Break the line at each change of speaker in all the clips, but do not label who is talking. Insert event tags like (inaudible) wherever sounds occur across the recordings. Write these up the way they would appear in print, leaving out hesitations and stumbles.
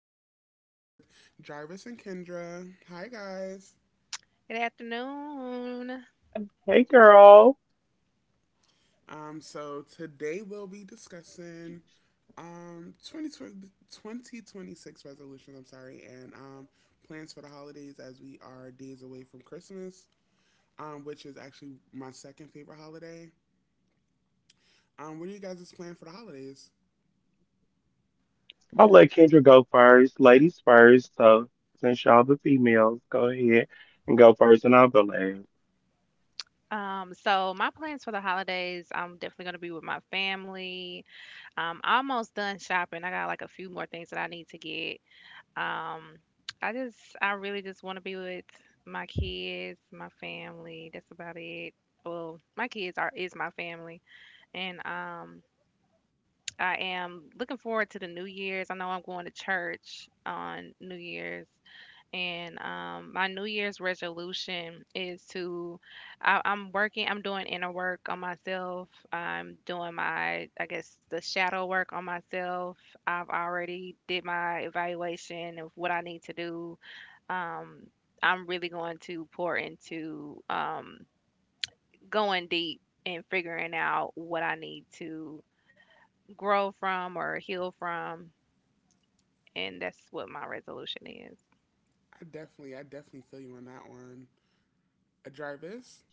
today I'm here with Jarvis and Kendra. Hi guys.
Good afternoon.
So today we'll be discussing 2020, 2026 resolutions. I'm sorry, and plans for the holidays as we are days away from Christmas, which is actually my second favorite holiday. What are you guys' plan for the holidays?
So my plans for the holidays, I'm definitely gonna be with my family. Almost done shopping. I got like a few more things that I need to get. Um, I really just want to be with my kids, my family. That's about it. Well, my kids are is my family, and I am looking forward to the New Year's. I know I'm going to church on New Year's, and my New Year's resolution is to I'm doing inner work on myself. I'm doing my, I guess, the shadow work on myself. I've already did my evaluation of what I need to do. Um, I'm really going to pour into going deep and figuring out what I need to grow from or heal from. And that's what my resolution is.
I definitely feel you on that one. Jarvis.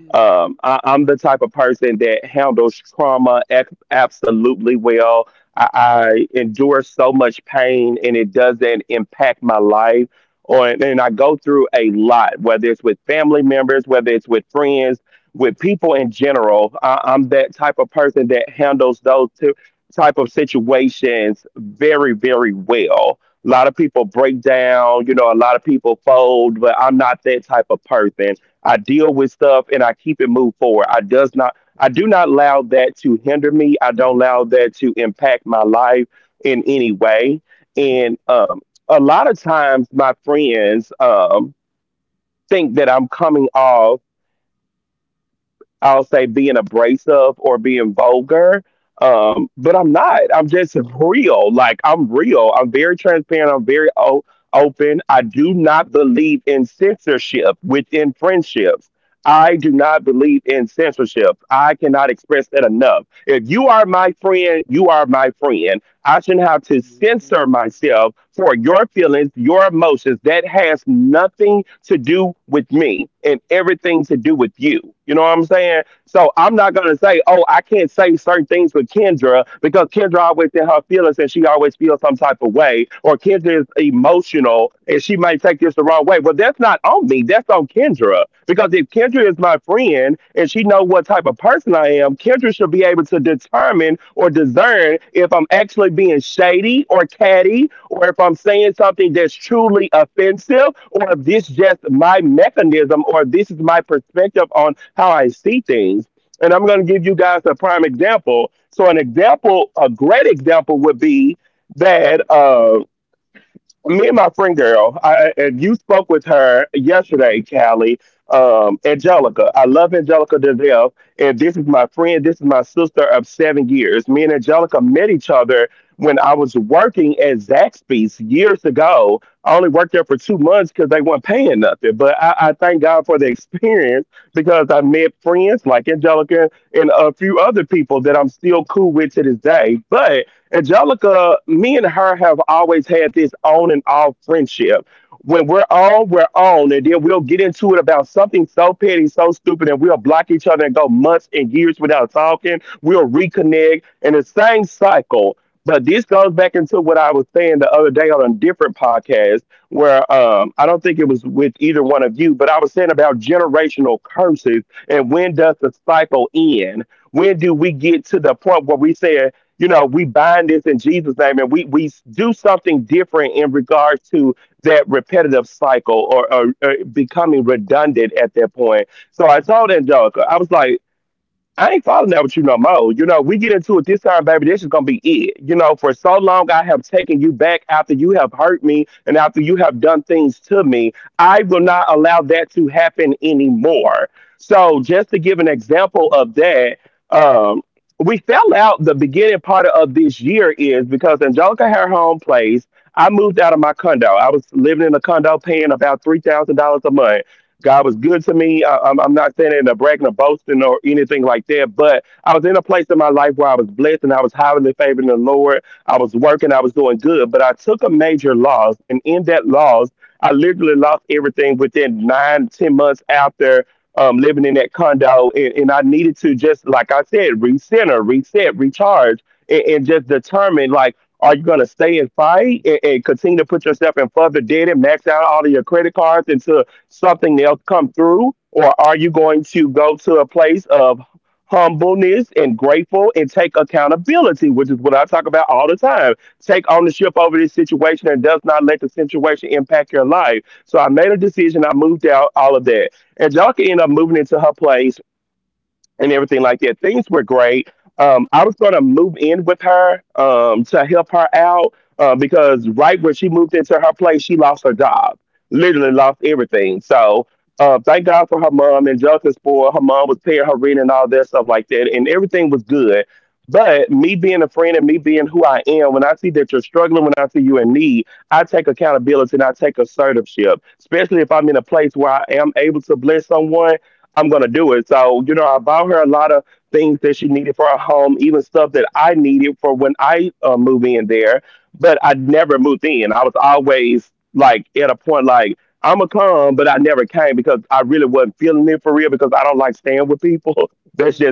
Mm-hmm. Mm-hmm. Mm-hmm.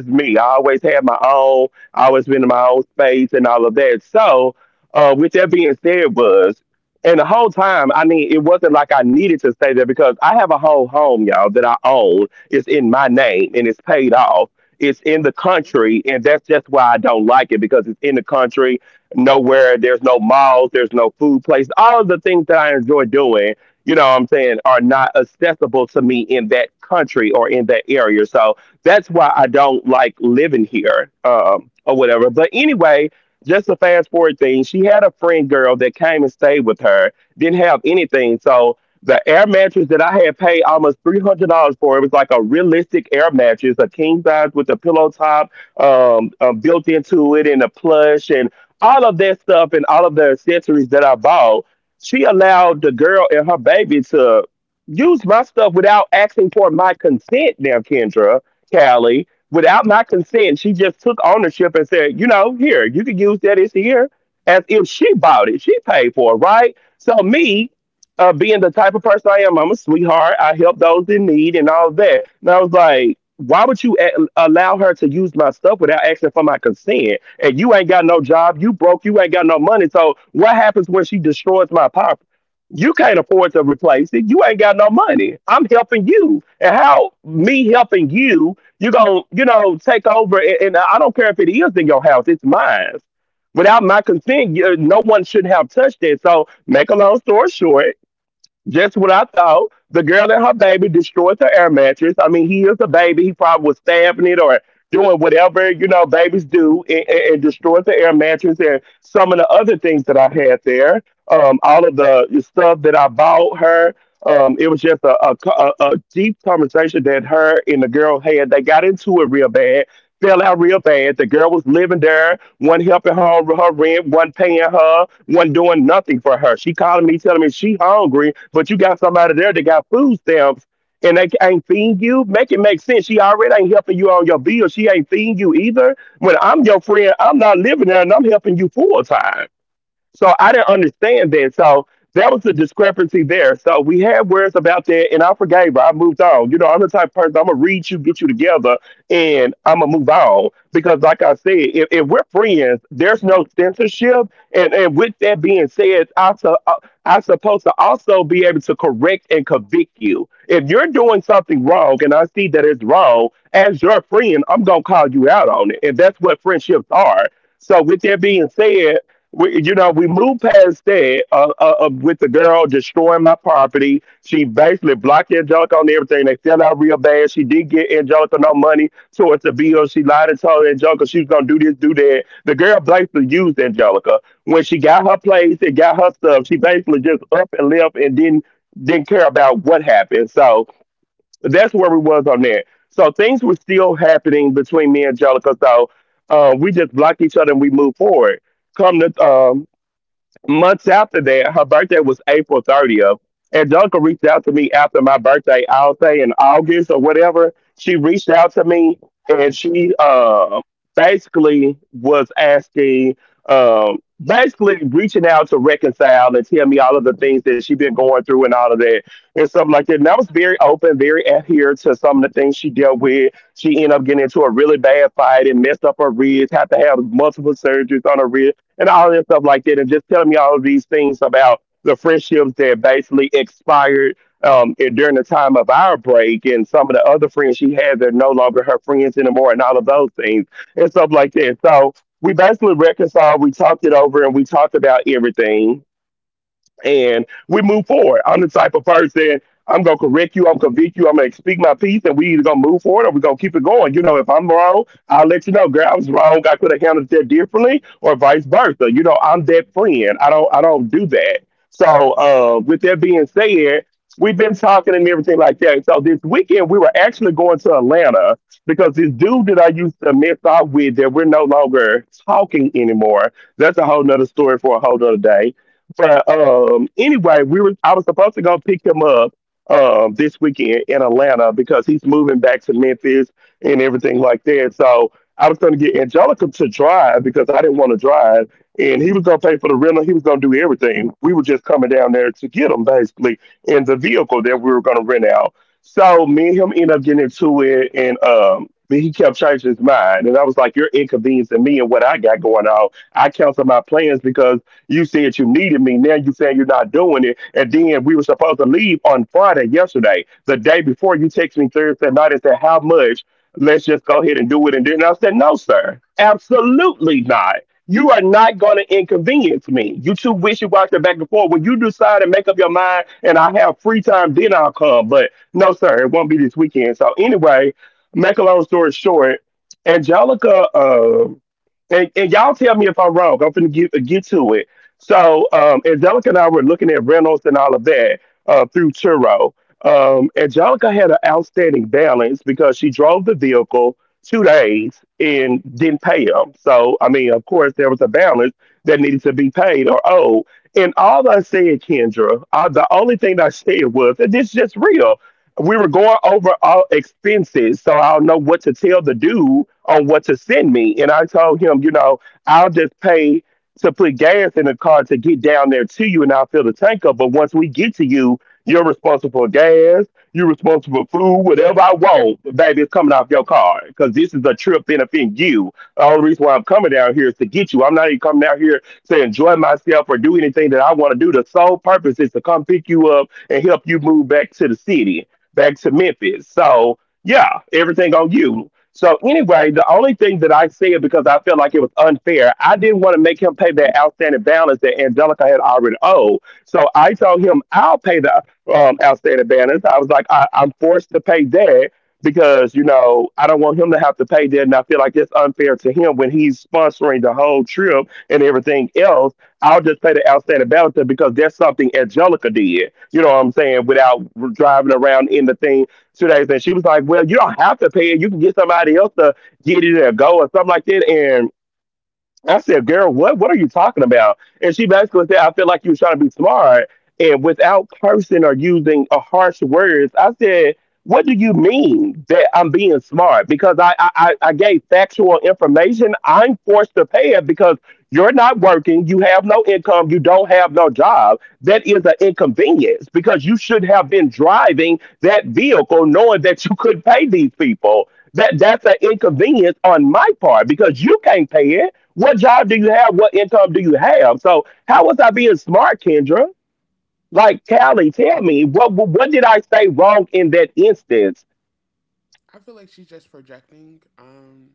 I feel like she's just projecting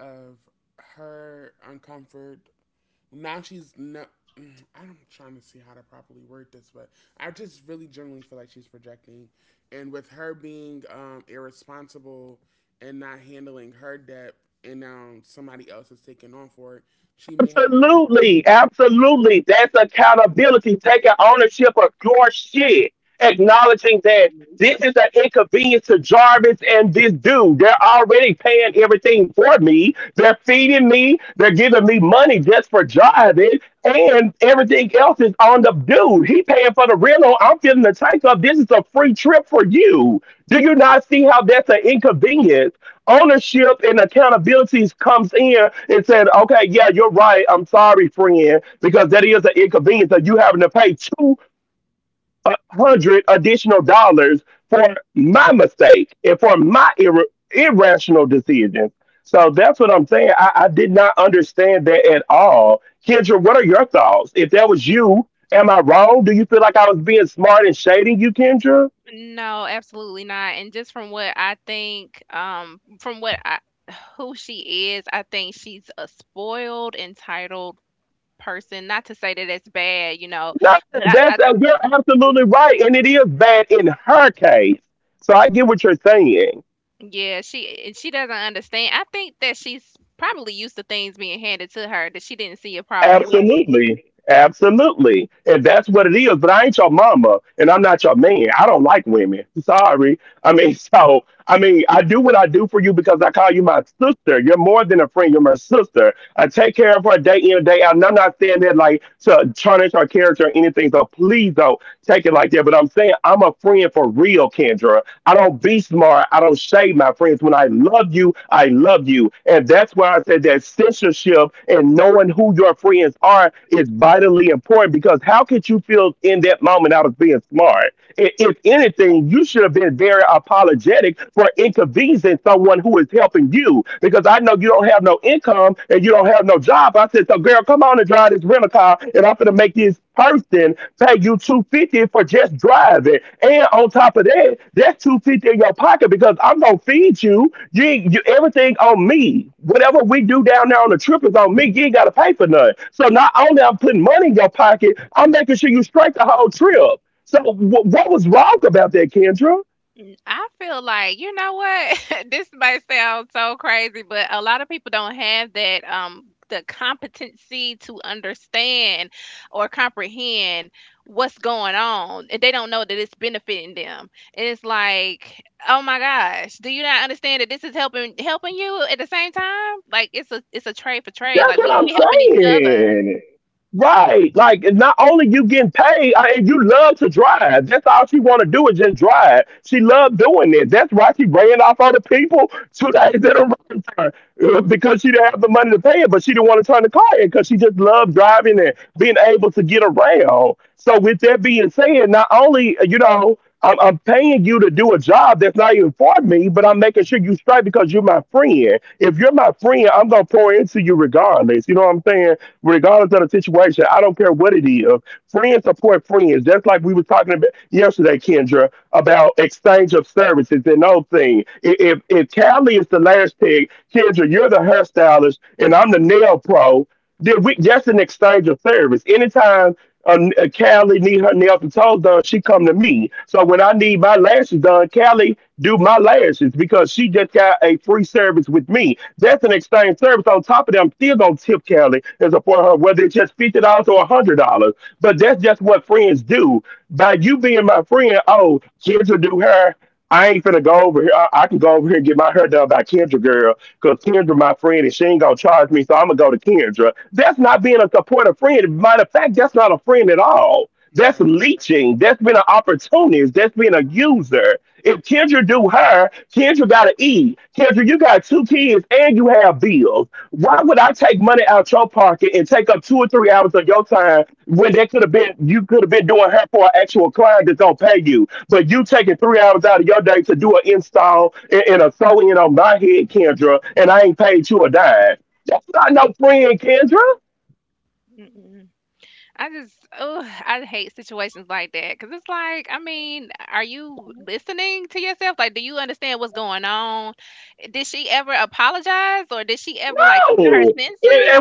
of her uncomfort. Now she's no. I'm trying to see how to properly word this, but I just really generally feel like she's projecting, and with her being irresponsible and not handling her debt, and now somebody else is taking on for it, she may have
No, absolutely not. And just from what I think, who she is, I think she's a spoiled, entitled person. Not to say that it's bad, you know, but I yeah, she doesn't understand. I think that she's probably used to things being handed to her that she didn't see a problem with it. I feel like, you know what? (laughs) This might sound so crazy, but a lot of people don't have that the competency to understand or comprehend what's going on. And they don't know that it's benefiting them. And it's like, oh my gosh, do you not understand that this is helping you at the same time? Like it's a trade for trade. Like we helping each other.
right,
I just, oh, I hate situations like that because it's like, I mean, are you listening to yourself? Like, do you understand what's going on? Did she ever apologize or did she ever like come to her senses?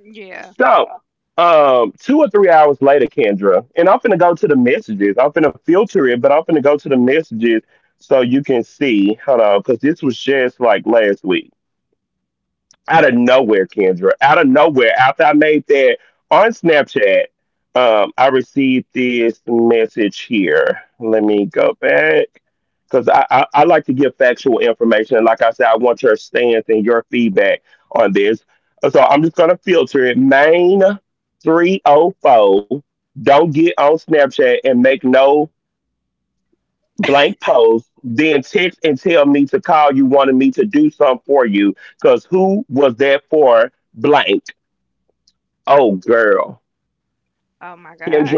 Yeah. Oh my God.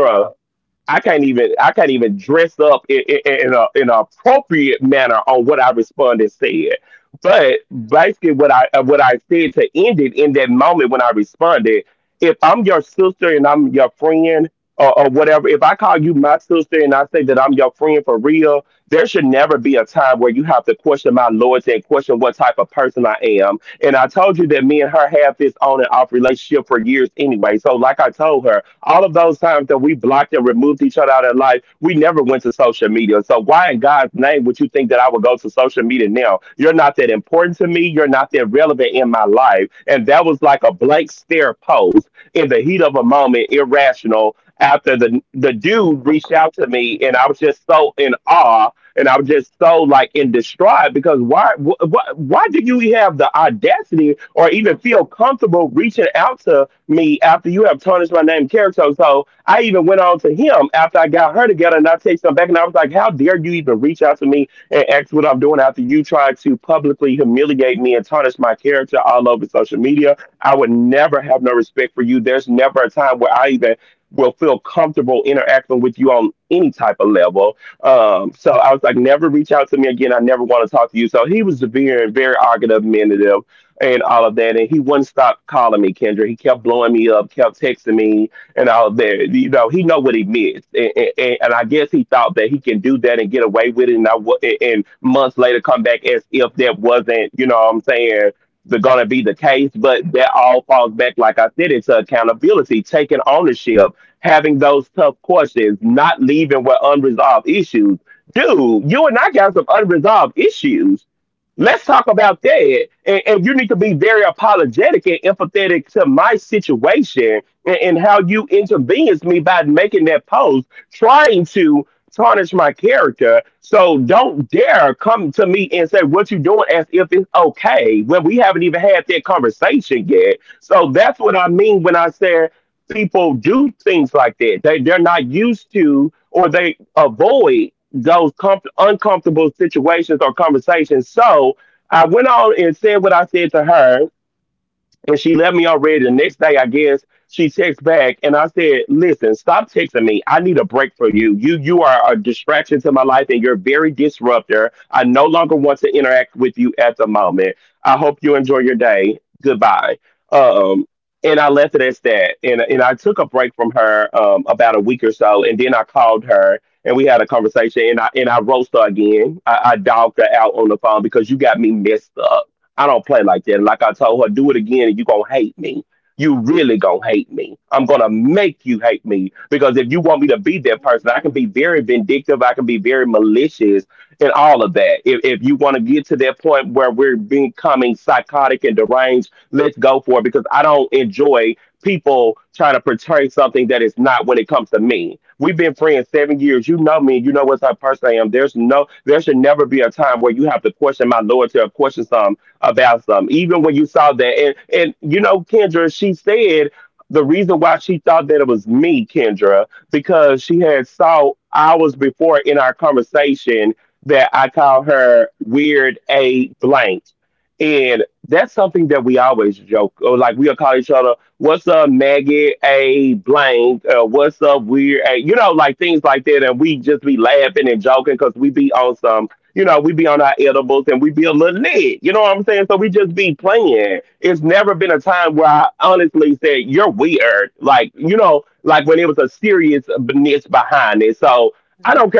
right.
Mhm.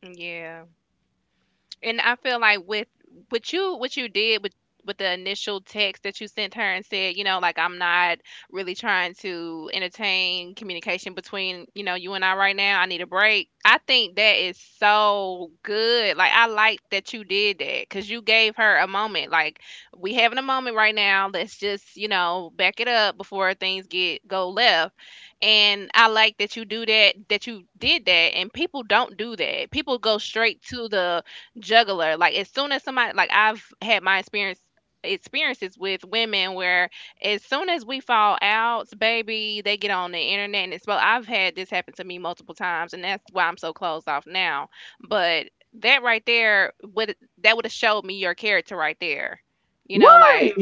Yeah. And I feel like with what you did with the initial text that you sent her and said, you know, like I'm not really trying to entertain communication between, you know, you and I right now. I need a break. I think that is so good. Like I like that you did that cuz you gave her a moment. Like we having a moment right now. Let's just, you know, back it up before things get go left. And I like that you do that that you did that, and people don't do that. People go straight to the juggler. Like as soon as somebody like I've had my experiences with women where as soon as we fall out, baby, they get on the internet and it's well I've had this happen to me multiple times, and that's why I'm so closed off now. But that right there would that would have showed me your character right there. You know, like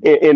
Hmm.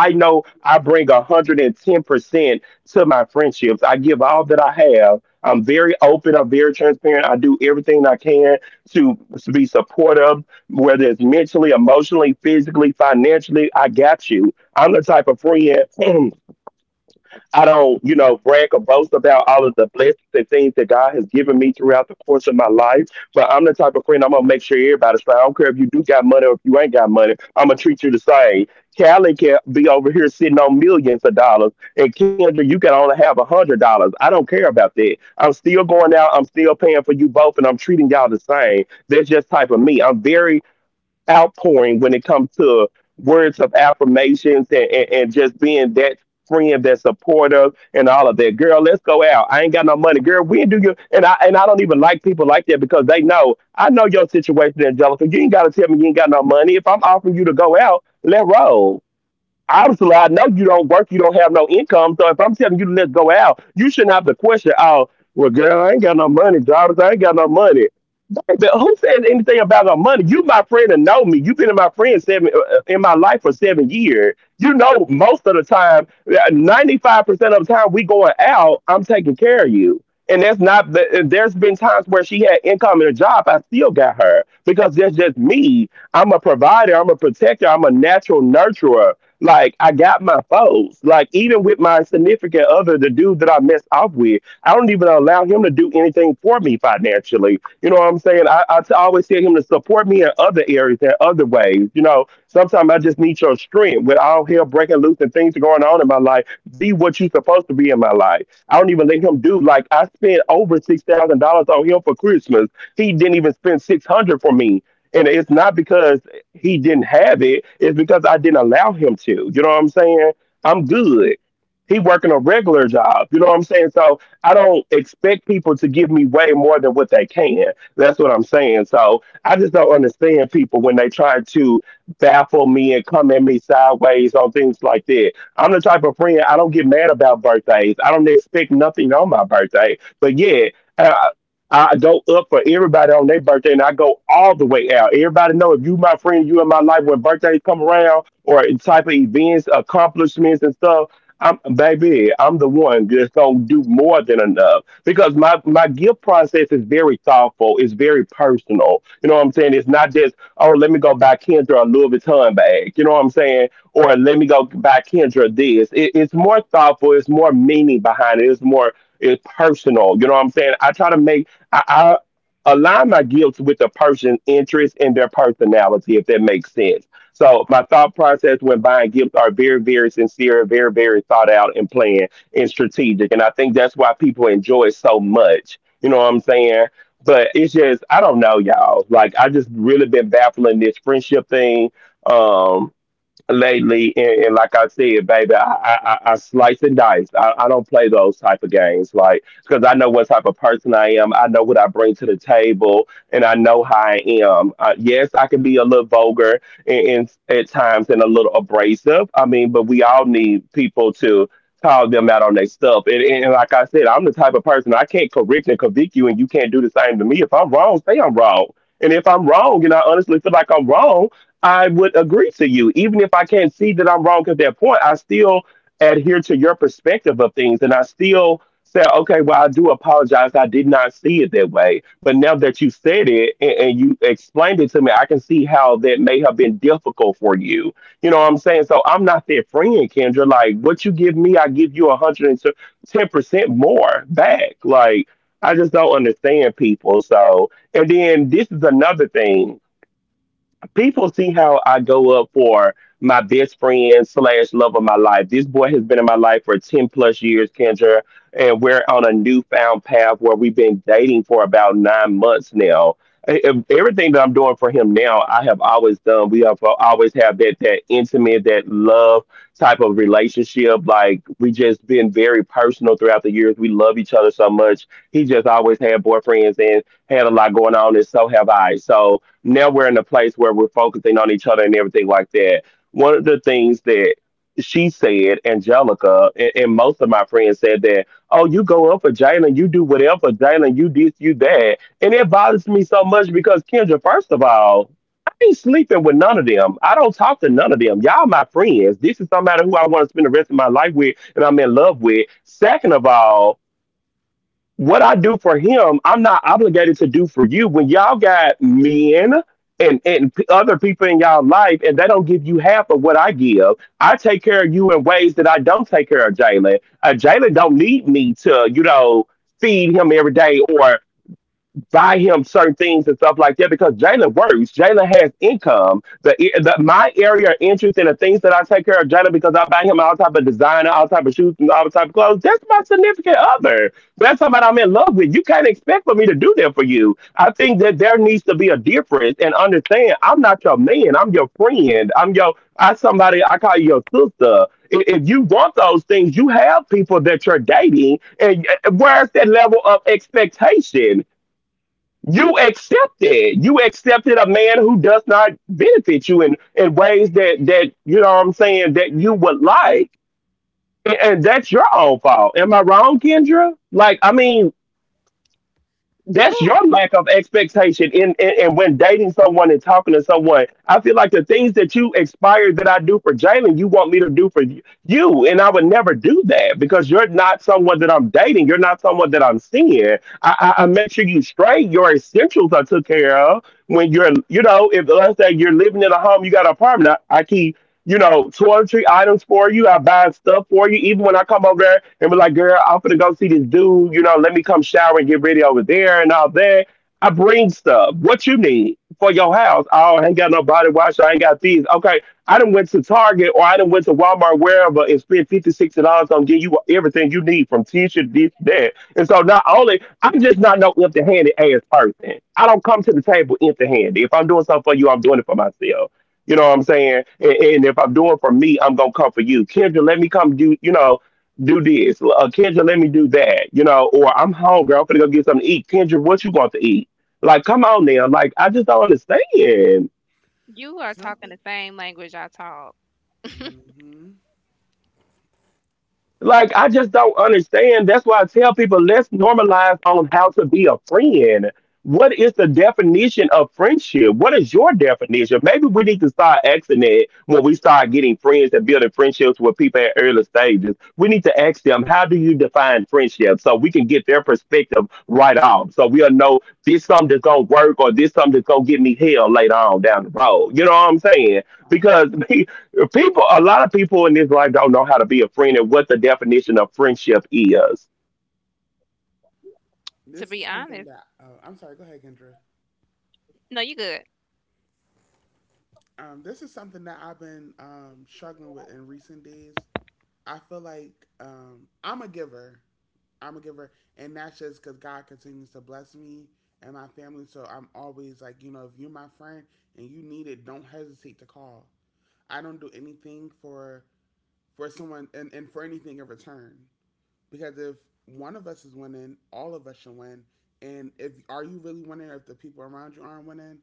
Yeah, boundaries.
you you are
Some
talking
people.
the same language I talk.
Hmm. Uh,
To
this is
be
something
honest.
that. Oh, I'm sorry. Go ahead, Kendra.
No, you good.
This is something that I've been struggling with in recent days. I feel like I'm a giver. I'm a giver, and that's just because God continues to bless me and my family. So I'm always like, you know, if you're my friend and you need it, don't hesitate to call. I don't do anything for someone and for anything in return. Because if one of us is winning, all of us should win. And if are you really winning if the people around you aren't winning?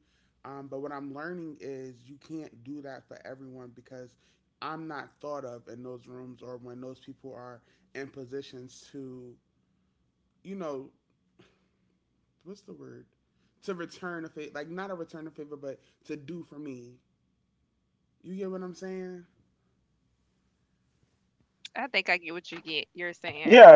But what I'm learning is you can't do that for everyone because I'm not thought of in those rooms or when those people are in positions to, you know, what's the word? To return a favor, like not a return a favor, but to do for me. You get what I'm saying?
I think I get what you get you're saying.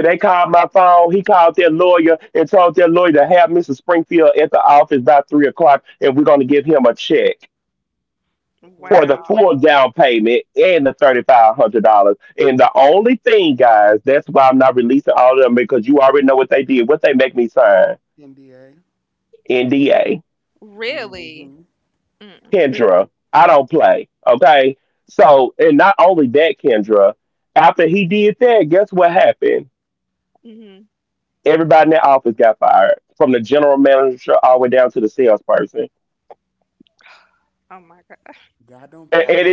What
Oh,
wow.
NDA.
Really?
Hmm.
Mm-mm. Mhm. Oh my god.
God don't play.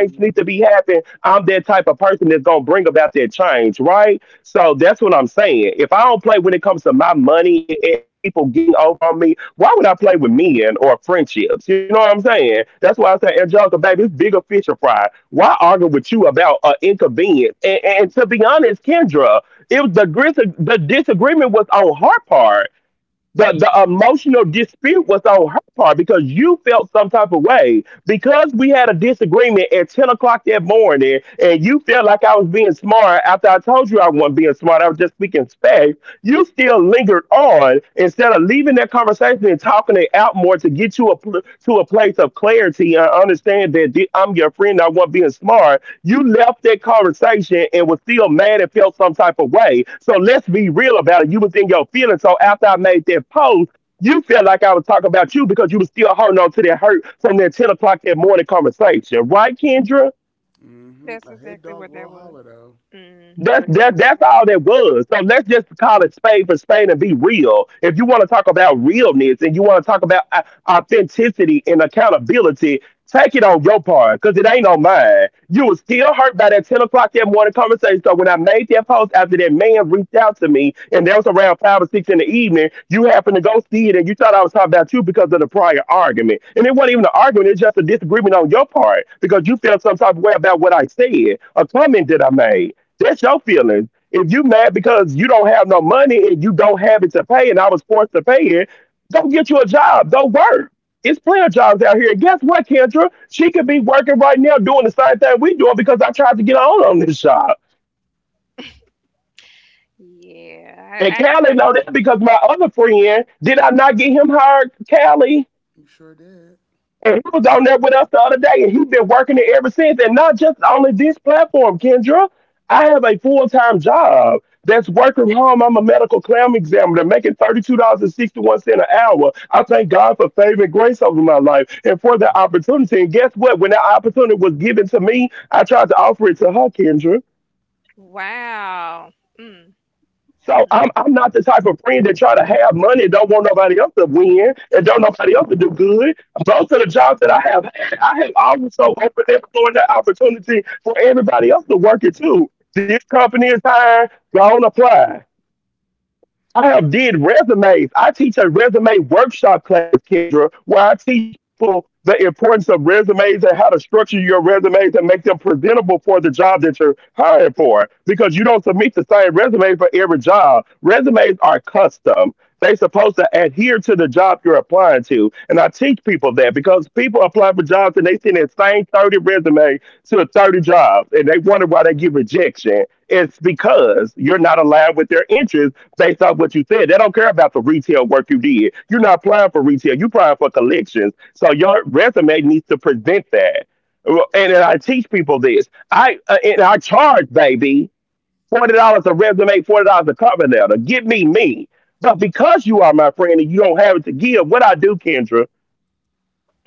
Mhm. Hmm.
That's
A head
exactly
dog
what
will
that was.
holler though.
Mhm. Yeah. I
You sure did.
wow. Mm.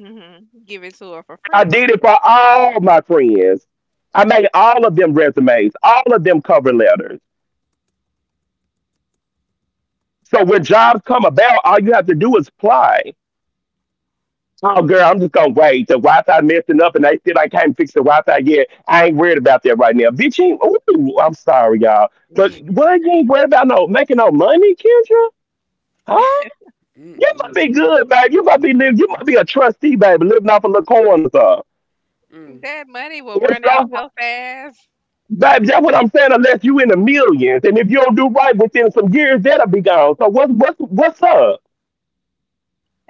Mhm. Give it to her for free.
Mm. Mm-mm. Mm.
That money will run out so fast.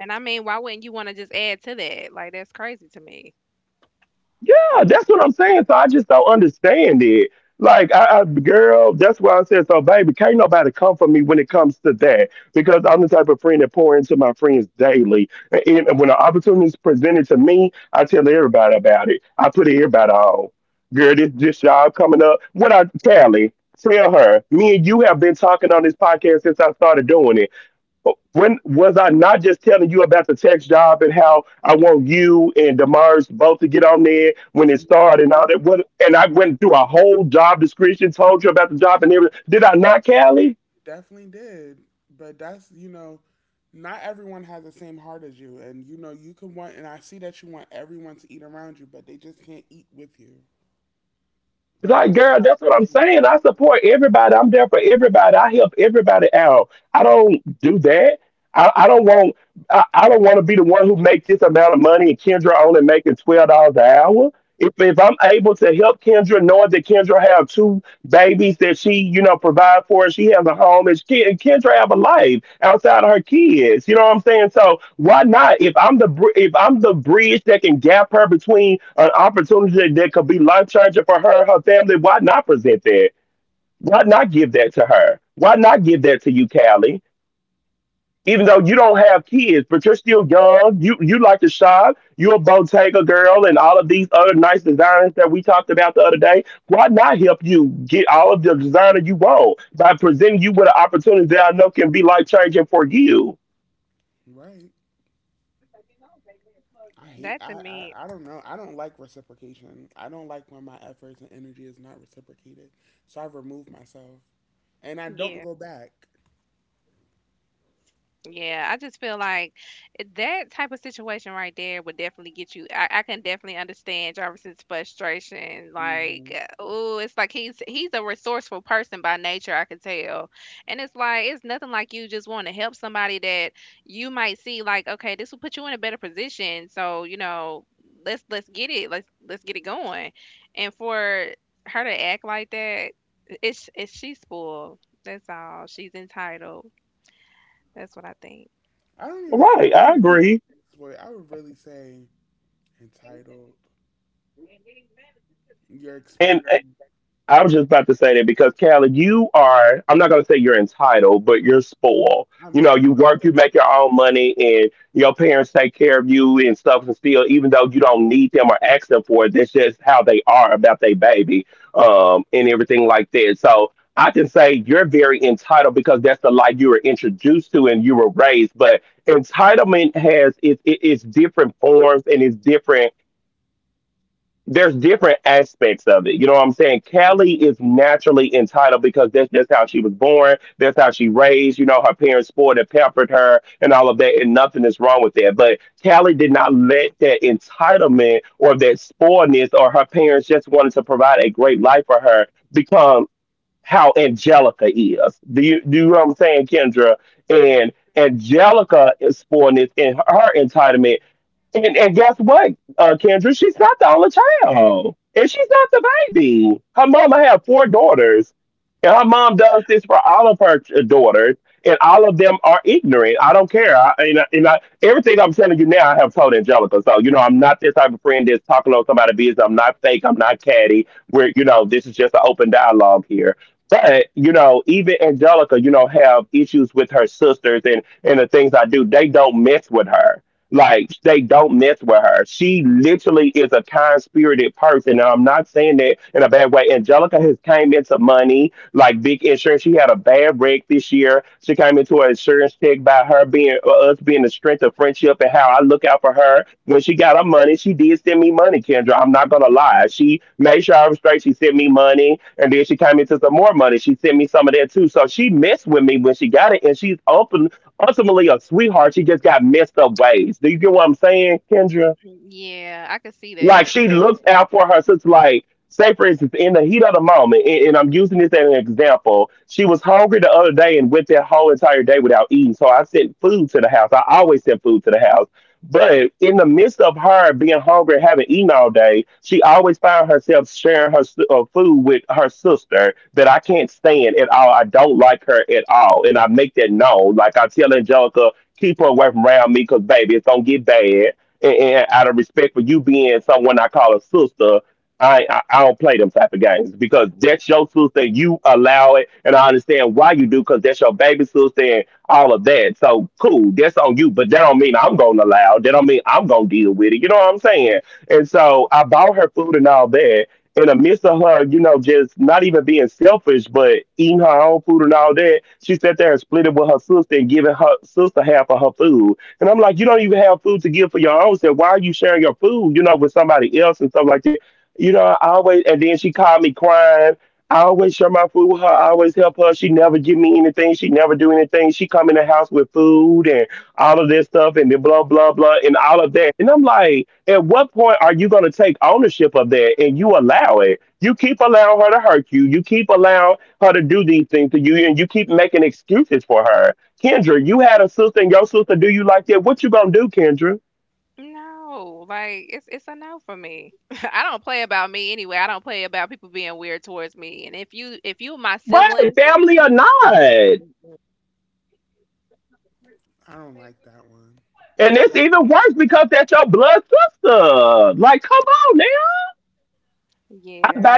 And I mean, why wouldn't you want to just add to that? Like that's crazy to me.
You definitely, you definitely did. But that's you know, not everyone has the same heart as you, and you know you can want. And I see that you want everyone to eat around you, but they just can't eat with you. But don't stop being right. I hate.
That to me,
I don't know. I don't like reciprocation. I don't like when my efforts and energy is not reciprocated. So I remove myself, and I don't
yeah.
go back.
Yeah, I just feel like that type of situation right there would definitely get you. I can definitely understand Jarvis's frustration. Like,
Mm-hmm.
oh, it's like he's a resourceful person by nature, I can tell. And it's like it's nothing like you just want to help somebody that you might see like, okay, this will put you in a better position. So, you know, let's get it. Let's get it going. And for her to act like that, it's she's spoiled. That's all. She's entitled. That's what I think.
I don't even think I wouldn't even say spoiled. I would really say entitled. You're expecting. I'm very. Mhm.
Mm, yeah, I could see that. No, like it's a no for me. (laughs) I don't play about me anyway. I don't play about people being weird towards me. And if you my sibling, Mm-mm.
I don't like that one.
Yeah,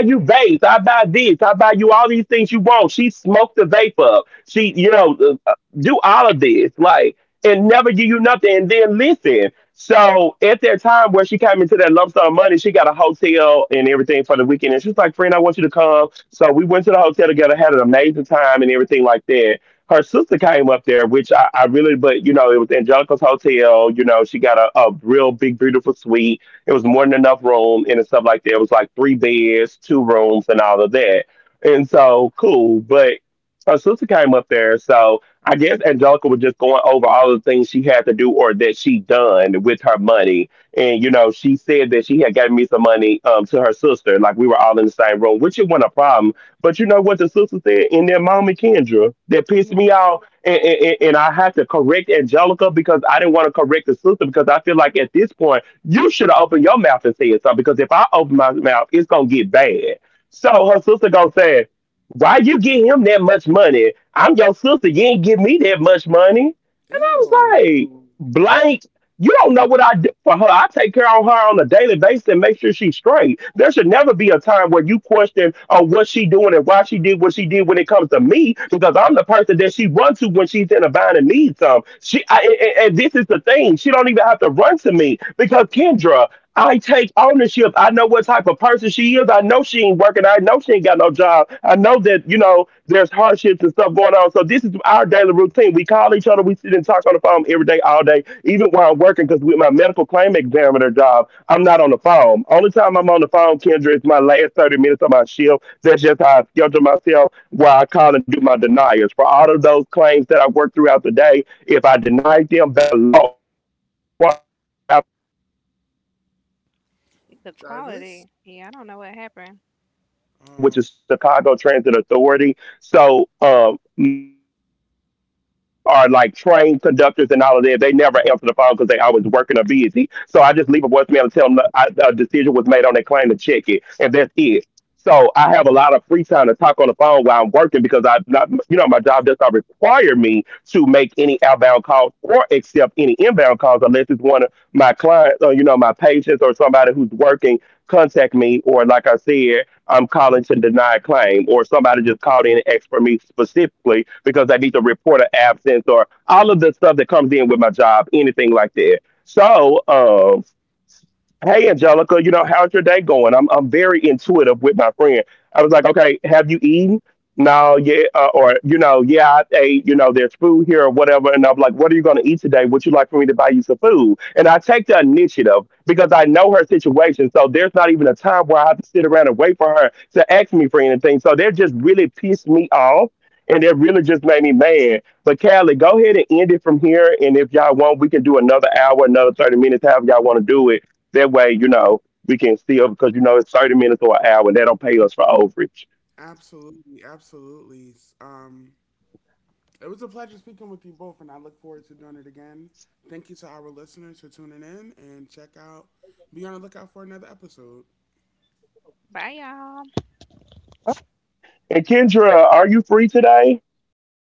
Mm,
Ew.
the
Jarvis.
quality. Yeah, I don't know what happened.
Um. Absolutely. Absolutely. It was a pleasure speaking with you both, and I look forward to doing it again. Thank you to our listeners for tuning in and check out. Be on the lookout for another episode.
Bye, y'all.